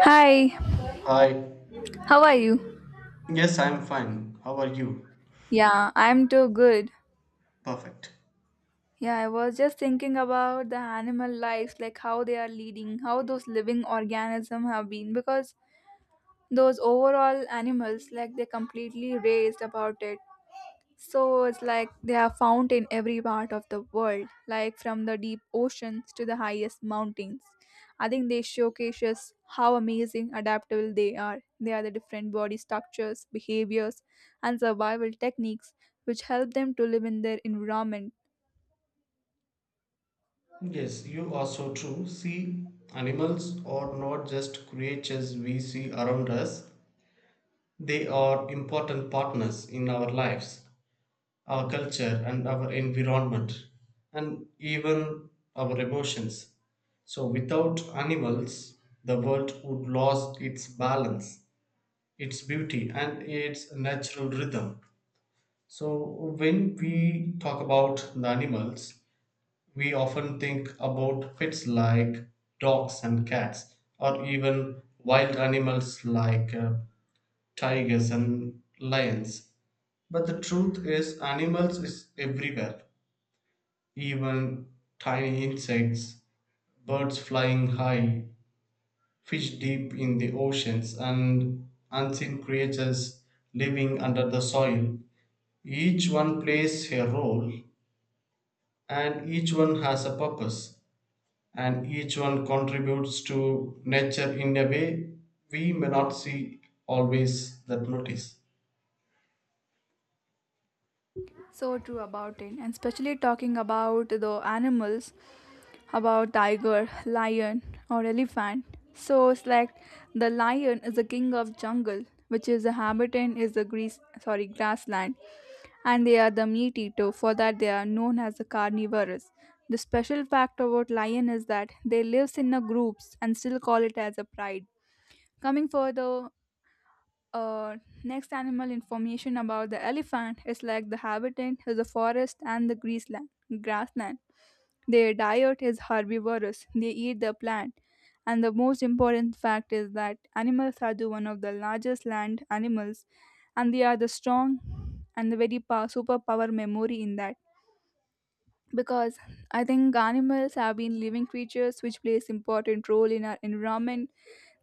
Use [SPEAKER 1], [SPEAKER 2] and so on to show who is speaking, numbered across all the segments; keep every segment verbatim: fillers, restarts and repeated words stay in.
[SPEAKER 1] Hi,
[SPEAKER 2] Hi.
[SPEAKER 1] how are you?
[SPEAKER 2] Yes, I'm fine. How are you?
[SPEAKER 1] Yeah, I'm too good.
[SPEAKER 2] Perfect.
[SPEAKER 1] Yeah, I was just thinking about the animal lives, like how they are leading, how those living organisms have been, because those overall animals, like they completely raised about it. So it's like they are found in every part of the world, like from the deep oceans to the highest mountains. I think they showcases how amazing adaptable they are. They are the different body structures, behaviors, and survival techniques which help them to live in their environment.
[SPEAKER 2] Yes, you are so true. See, animals are not just creatures we see around us, they are important partners in our lives, our culture, and our environment, and even our emotions. So, without animals, the world would lose its balance, its beauty, and its natural rhythm. So, when we talk about the animals, we often think about pets like dogs and cats, or even wild animals like uh, tigers and lions. But the truth is, animals is everywhere. Even tiny insects, birds flying high, fish deep in the oceans, and unseen creatures living under the soil. Each one plays a role, and each one has a purpose, and each one contributes to nature in a way we may not see always that notice.
[SPEAKER 1] So true about it, and especially talking about the animals, about tiger, lion, or elephant. So it's like the lion is the king of jungle, which is the habitant is the grease sorry grassland. And they are the meat eater; for that they are known as the carnivorous. The special fact about lion is that they lives in the groups and still call it as a pride. Coming further, uh, next animal information about the elephant is like the habitat is the forest and the grassland. grassland. Their diet is herbivorous. They eat the plant. And the most important fact is that animals are the one of the largest land animals, and they are the strong and the very power, superpower memory in that. Because I think animals have been living creatures which plays important role in our environment.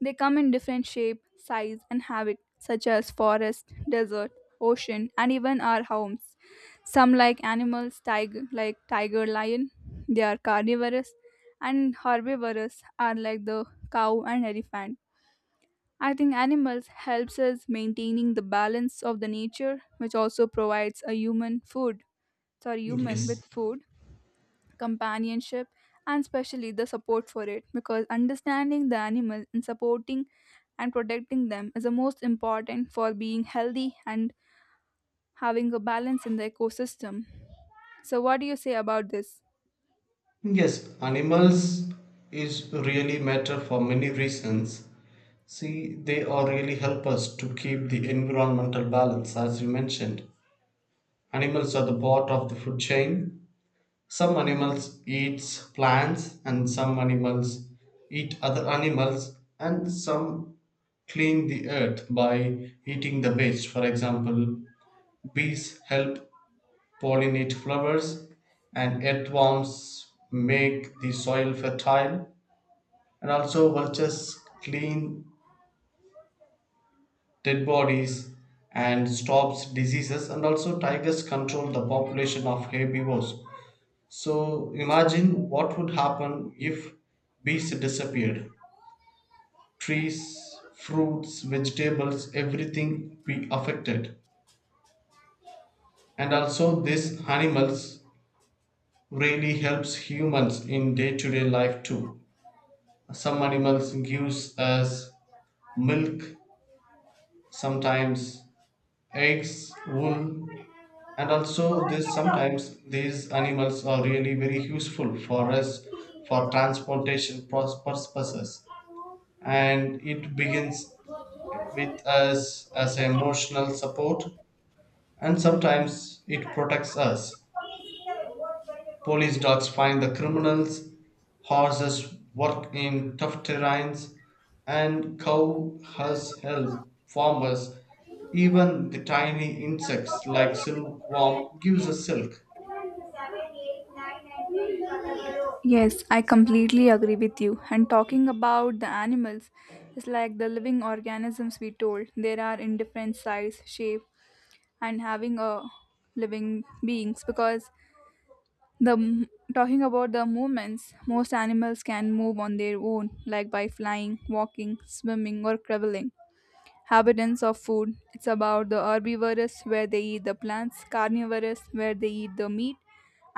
[SPEAKER 1] They come in different shape, size, and habit, such as forest, desert, ocean, and even our homes. Some like animals, tiger, like tiger lion, they are carnivorous, and herbivorous are like the cow and elephant. I think animals helps us maintaining the balance of the nature, which also provides a human food, sorry, human
[SPEAKER 2] Yes,
[SPEAKER 1] with food, companionship, and especially the support for it, because understanding the animal and supporting and protecting them is the most important for being healthy and having a balance in the ecosystem. So, what do you say about this?
[SPEAKER 2] yes, animals is really matter for many reasons. See, they are really help us to keep the environmental balance. As you mentioned, animals are the part of the food chain. Some animals eats plants and some animals eat other animals, and some clean the earth by eating the waste. For example, bees help pollinate flowers, and earthworms make the soil fertile, and also vultures clean dead bodies and stops diseases, and also tigers control the population of herbivores. So imagine what would happen if bees disappeared. Trees, fruits, vegetables, everything be affected. And also these animals really helps humans in day-to-day life too. Some animals gives us milk, sometimes eggs, wool, and also this sometimes these animals are really very useful for us for transportation pros- purposes, and it begins with us as emotional support, and sometimes it protects us. Police dogs find the criminals, horses work in tough terrains, and cow has help farmers. Even the tiny insects like silkworm gives us silk.
[SPEAKER 1] Yes, I completely agree with you. And talking about the animals is like the living organisms we told. There are in different size, shape, and having a living beings because The m- talking about the movements, most animals can move on their own, like by flying, walking, swimming, or crawling. Habitants of food, it's about the herbivorous where they eat the plants, carnivorous where they eat the meat,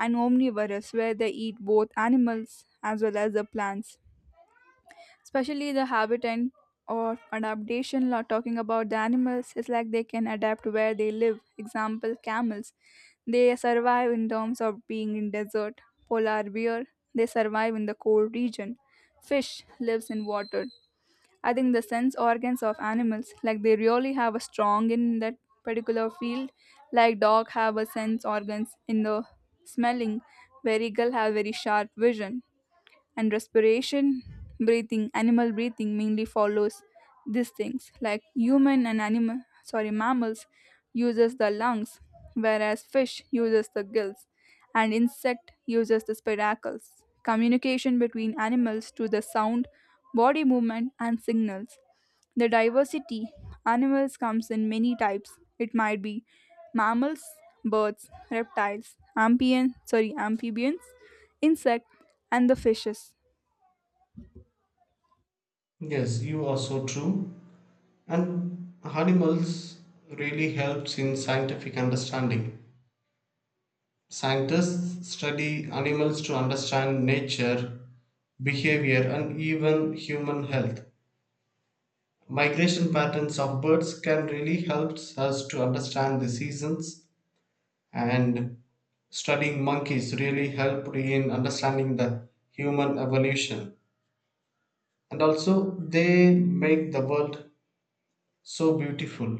[SPEAKER 1] and omnivorous where they eat both animals as well as the plants. Especially the habitat or adaptation law, talking about the animals, it's like they can adapt where they live. Example, camels, they survive in terms of being in desert. Polar bear, they survive in the cold region. Fish lives in water. I think the sense organs of animals, like, they really have a strong in that particular field, like dog have a sense organs in the smelling, where eagle have very sharp vision. And respiration, breathing, animal breathing mainly follows these things, like human and animal sorry mammals uses the lungs, whereas fish uses the gills, and insect uses the spiracles. Communication between animals through the sound, body movement, and signals. The diversity, animals comes in many types. It might be mammals, birds, reptiles, amphibian sorry amphibians, insect, and the fishes.
[SPEAKER 2] Yes, you are so true. And animals really helps in scientific understanding. Scientists study animals to understand nature, behavior, and even human health. Migration patterns of birds can really help us to understand the seasons, and studying monkeys really helped in understanding the human evolution. And also, they make the world so beautiful.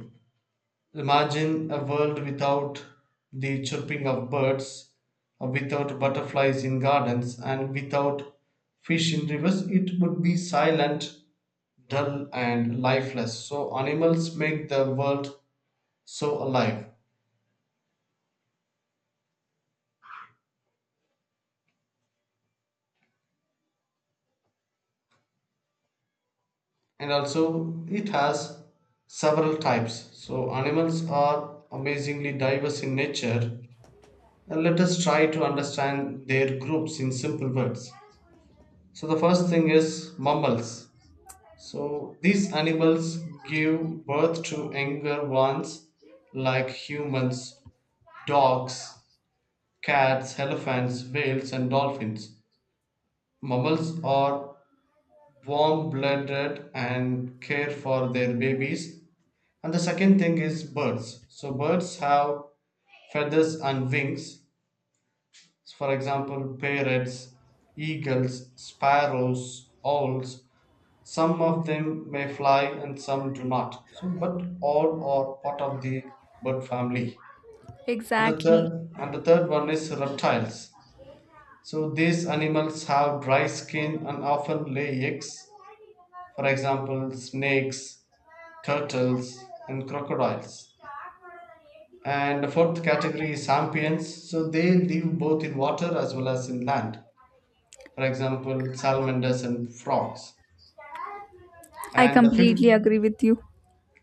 [SPEAKER 2] Imagine a world without the chirping of birds, without butterflies in gardens, and without fish in rivers. It would be silent, dull, and lifeless. So, animals make the world so alive. And also, it has several types. So, animals are amazingly diverse in nature. And let us try to understand their groups in simple words. So, the first thing is mammals. So these animals give birth to younger ones like humans, dogs, cats, elephants, whales, and dolphins. Mammals are warm blooded and care for their babies. And the second thing is birds. So birds have feathers and wings. For example, parrots, eagles, sparrows, owls, some of them may fly and some do not, so but all are part of the bird family. and the
[SPEAKER 1] Exactly.
[SPEAKER 2] third and the third one is reptiles. So these animals have dry skin and often lay eggs. For example, snakes, turtles, and crocodiles. And the fourth category is amphibians, so they live both in water as well as in land. For example, salamanders and frogs.
[SPEAKER 1] I
[SPEAKER 2] and the fifth
[SPEAKER 1] completely agree with you.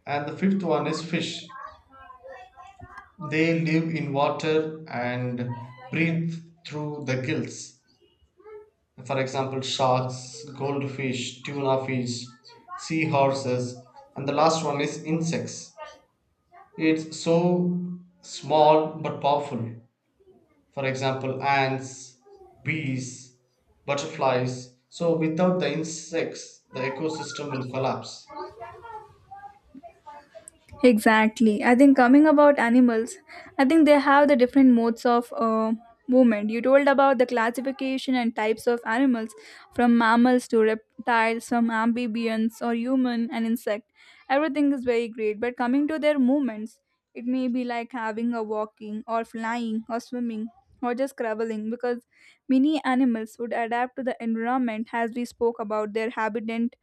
[SPEAKER 2] and the fifth one is fish. They live in water and breathe through the gills. For example, sharks, goldfish, tuna fish, seahorses, and the last one is insects. It's so small but powerful. For example, ants, bees, butterflies. So, without the insects, the ecosystem will collapse.
[SPEAKER 1] Exactly. I think coming about animals, I think they have the different modes of uh, movement. You told about the classification and types of animals from mammals to reptiles, from amphibians or human and insect. Everything is very great. But coming to their movements, it may be like having a walking or flying or swimming or just traveling, because many animals would adapt to the environment as we spoke about their habitat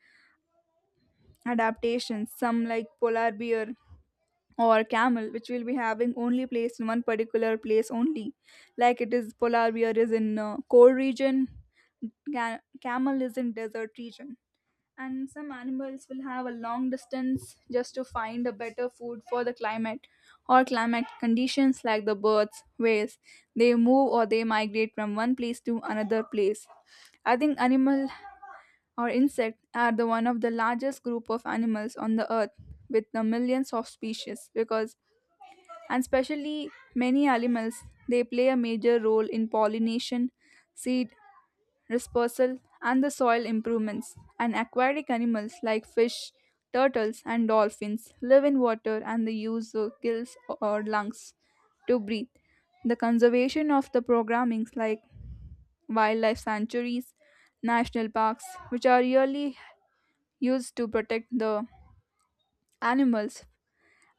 [SPEAKER 1] adaptations. Some like polar bear or camel, which will be having only placed in one particular place only. Like it is polar bear is in uh, cold region, ca- camel is in desert region. And some animals will have a long distance just to find a better food for the climate or climate conditions, like the birds, whales. They move or they migrate from one place to another place. I think animal or insects are the one of the largest group of animals on the earth, with the millions of species. Because, and especially, many animals, they play a major role in pollination, seed dispersal, and the soil improvements. And aquatic animals like fish, turtles, and dolphins live in water, and they use the gills or lungs to breathe. The conservation of the programmings, like wildlife sanctuaries, national parks, which are really used to protect the animals.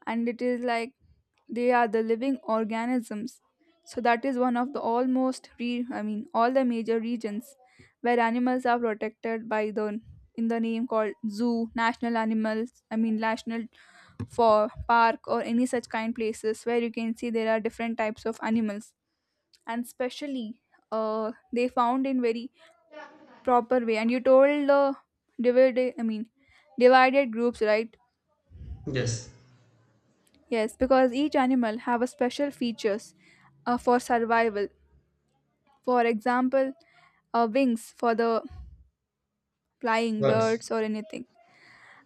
[SPEAKER 1] And it is like they are the living organisms, so that is one of the almost re- I mean all the major regions where animals are protected by the, in the name called zoo, national animals, I mean national for park, or any such kind places where you can see there are different types of animals. And specially, uh, they found in very proper way. And you told the divided I mean divided groups, right?
[SPEAKER 2] Yes.
[SPEAKER 1] Yes, because each animal have a special features, uh, for survival. For example, uh, wings for the flying
[SPEAKER 2] Birds.
[SPEAKER 1] birds or anything.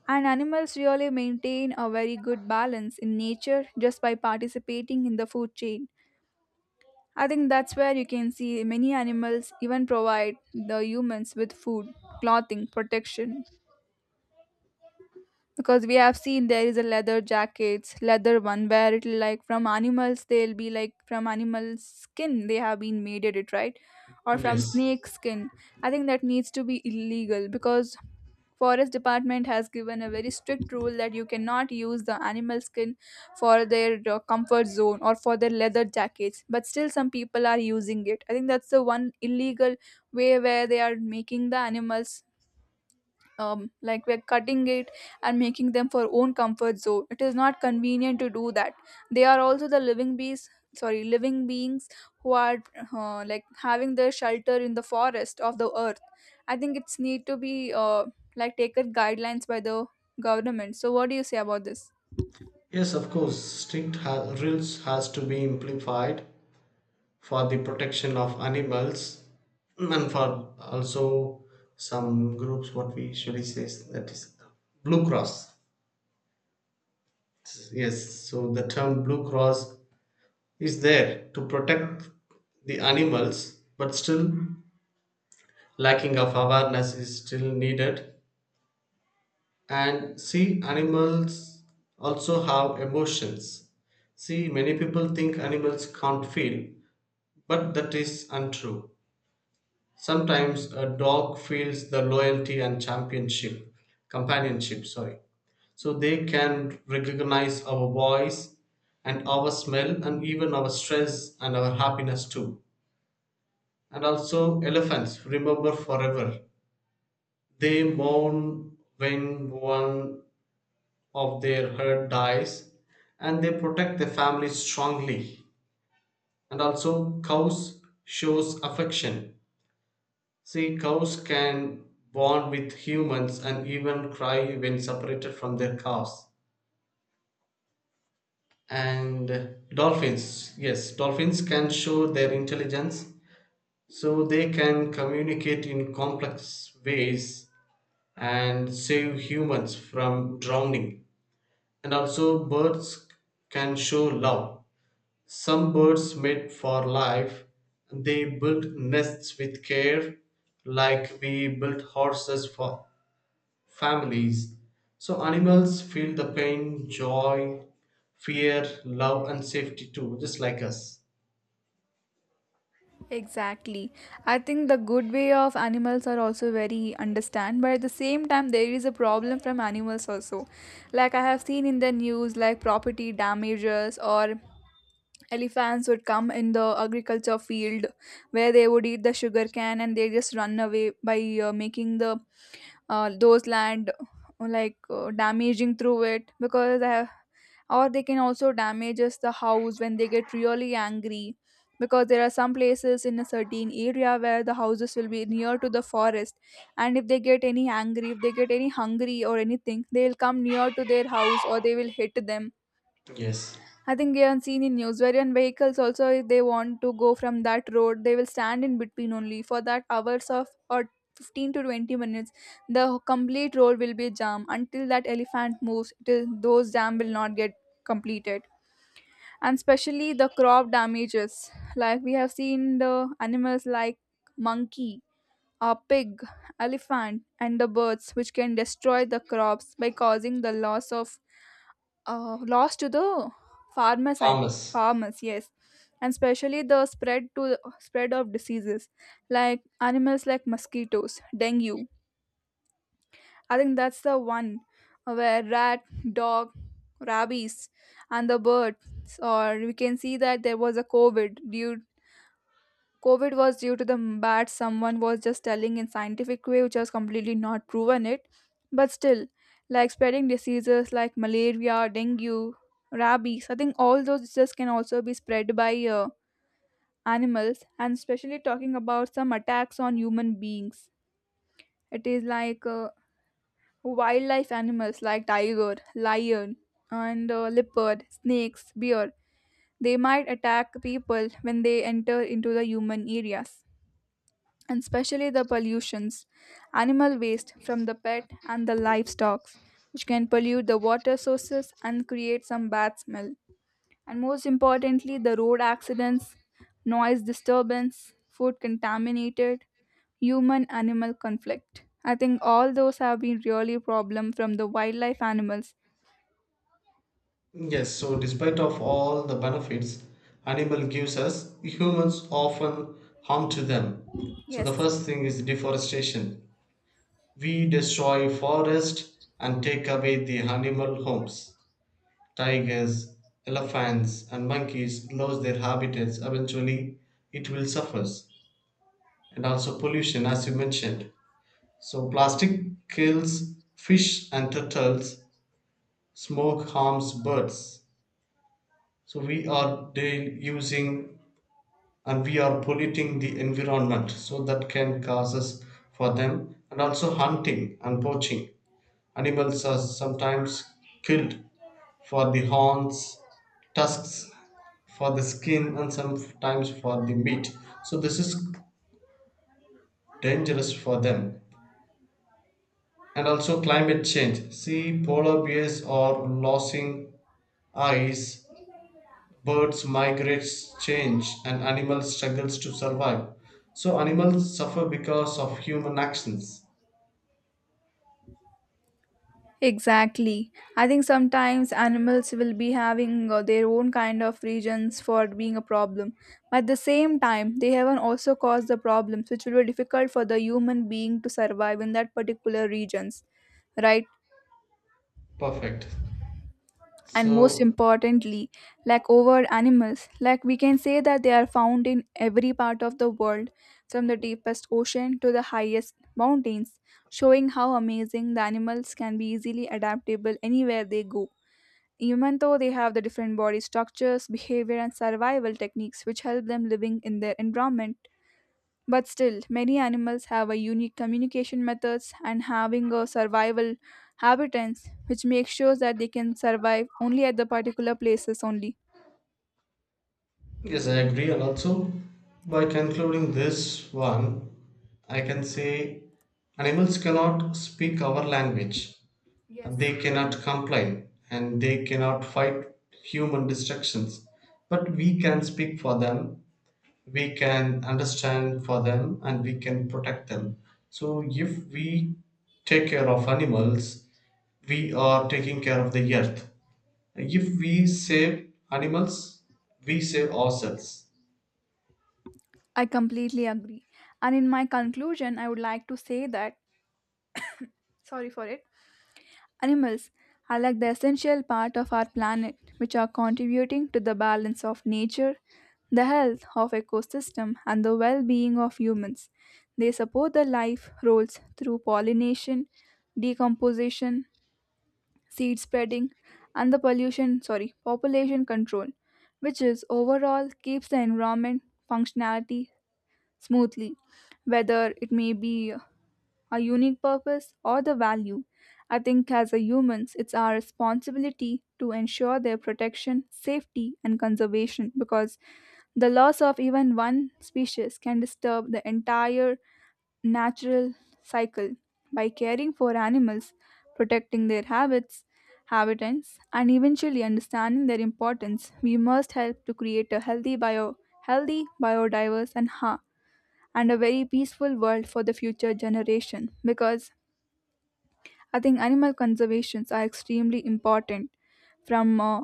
[SPEAKER 1] And animals really maintain a very good balance in nature just by participating in the food chain. I think that's where you can see many animals even provide the humans with food, clothing, protection, because we have seen there is a leather jackets, leather one, where it will, like, from animals, they'll be like, from animal skin they have been made it, right? Or from
[SPEAKER 2] Yes,
[SPEAKER 1] snake skin. I think that needs to be illegal, because forest department has given a very strict rule that you cannot use the animal skin for their uh, comfort zone or for their leather jackets. But still, some people are using it. I think that's the one illegal way, where they are making the animals, um, like we're cutting it and making them for own comfort zone. It is not convenient to do that. They are also the living beings sorry living beings who are, uh, like, having their shelter in the forest of the earth. I think it's need to be, uh, like, taken guidelines by the government. So, what do you say about this?
[SPEAKER 2] yes, of course, strict ha- rules has to be implied for the protection of animals, and for also some groups what we usually say is that is blue cross. Yes, so the term blue cross is there to protect the animals, but still lacking of awareness is still needed. And see, animals also have emotions. See, many people think animals can't feel, but that is untrue. Sometimes a dog feels the loyalty and championship companionship sorry, so they can recognize our voice and our smell and even our stress and our happiness too. And also elephants remember forever, they mourn when one of their herd dies, and they protect their family strongly. And also cows shows affection. See, cows can bond with humans and even cry when separated from their calves. And dolphins, yes, dolphins can show their intelligence, so they can communicate in complex ways and save humans from drowning. And also, birds can show love. Some birds mate for life, they build nests with care, like we build horses for families. So animals feel the pain, joy, fear, love, and safety too, just like us.
[SPEAKER 1] Exactly. I think the good way of animals are also very understand, but at the same time there is a problem from animals also. Like I have seen in the news, like property damages, or elephants would come in the agriculture field where they would eat the sugar cane and they just run away by, uh, making the, uh, those land, like, uh, damaging through it, because I have, or they can also damage us the house when they get really angry, because there are some places in a certain area where the houses will be near to the forest. And if they get any angry, if they get any hungry or anything, they'll come near to their house or they will hit them.
[SPEAKER 2] Yes.
[SPEAKER 1] I think we have seen in news wherein vehicles also, if they want to go from that road, they will stand in between only for that hours of, or fifteen to twenty minutes. The complete road will be jam until that elephant moves. Till those jam will not get completed, and especially the crop damages. Like we have seen the animals like monkey, a pig, elephant, and the birds, which can destroy the crops by causing the loss of, uh, lost to the farmers I,
[SPEAKER 2] Farmers.
[SPEAKER 1] farmers, yes, and especially the spread to spread of diseases, like animals like mosquitoes, dengue. I think that's the one, uh, where rat, dog, rabies, and the birds. Or we can see that there was a covid due COVID was due to the bad, someone was just telling in scientific way, which has completely not proven it. But still, like spreading diseases like malaria, dengue, rabies, I think all those diseases can also be spread by, uh, animals. And especially talking about some attacks on human beings. It is like, uh, wildlife animals like tiger, lion, and, uh, leopard, snakes, bear. They might attack people when they enter into the human areas. And especially the pollutions, animal waste from the pet and the livestock, which can pollute the water sources and create some bad smell. And most importantly, the road accidents, noise disturbance, food contaminated, human animal conflict. I think all those have been really problem from the wildlife animals.
[SPEAKER 2] Yes, so despite of all the benefits animal gives us, humans often harm to them. So the
[SPEAKER 1] Yes.
[SPEAKER 2] first thing is deforestation. We destroy forest and take away the animal homes. Tigers, elephants, and monkeys lose their habitats. Eventually, it will suffer. And also pollution, as you mentioned. So plastic kills fish and turtles, smoke harms birds. So we are daily using and we are polluting the environment, so that can cause us for them. And also hunting and poaching, animals are sometimes killed for the horns, tusks, for the skin, and sometimes for the meat. So this is dangerous for them. And also climate change. See, polar bears are losing ice, birds migrate, change, and animals struggles to survive. So animals suffer because of human actions.
[SPEAKER 1] Exactly. I think sometimes animals will be having, uh, their own kind of reasons for being a problem. But at the same time, they haven't also caused the problems which will be difficult for the human being to survive in that particular regions, right?
[SPEAKER 2] Perfect.
[SPEAKER 1] And most
[SPEAKER 2] So
[SPEAKER 1] importantly, like over animals, like we can say that they are found in every part of the world, from the deepest ocean to the highest mountains, showing how amazing the animals can be easily adaptable anywhere they go. Even though they have the different body structures, behavior, and survival techniques which help them living in their environment, but still, many animals have a unique communication methods and having a survival habitats, which makes sure that they can survive only at the particular places only.
[SPEAKER 2] yes, I agree. And also, by concluding this one, I can say animals cannot speak our language.
[SPEAKER 1] Yes.
[SPEAKER 2] They cannot complain and they cannot fight human destructions, but we can speak for them, we can understand for them, and we can protect them. So, if we take care of animals, we are taking care of the earth. If we save animals, we save ourselves.
[SPEAKER 1] I completely agree. And in my conclusion, I would like to say that, sorry for it, animals are like the essential part of our planet, which are contributing to the balance of nature, the health of ecosystem, and the well-being of humans. They support the life roles through pollination, decomposition, seed spreading, and the pollution, sorry, population control, which is overall keeps the environment functionality smoothly, whether it may be our unique purpose or the value. I think as a humans, it's our responsibility to ensure their protection, safety, and conservation, because the loss of even one species can disturb the entire natural cycle. By caring for animals, protecting their habits, habitats, and eventually understanding their importance, we must help to create a healthy bio, healthy, biodiverse, and ha- and a very peaceful world for the future generation, because I think animal conservations are extremely important from, uh,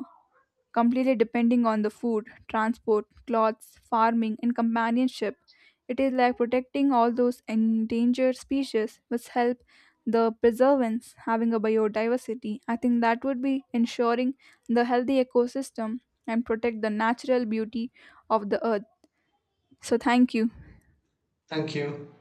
[SPEAKER 1] completely depending on the food, transport, clothes, farming, and companionship. It is like protecting all those endangered species which help the preservance having a biodiversity. I think that would be ensuring the healthy ecosystem and protect the natural beauty of the earth. So, thank you.
[SPEAKER 2] Thank you.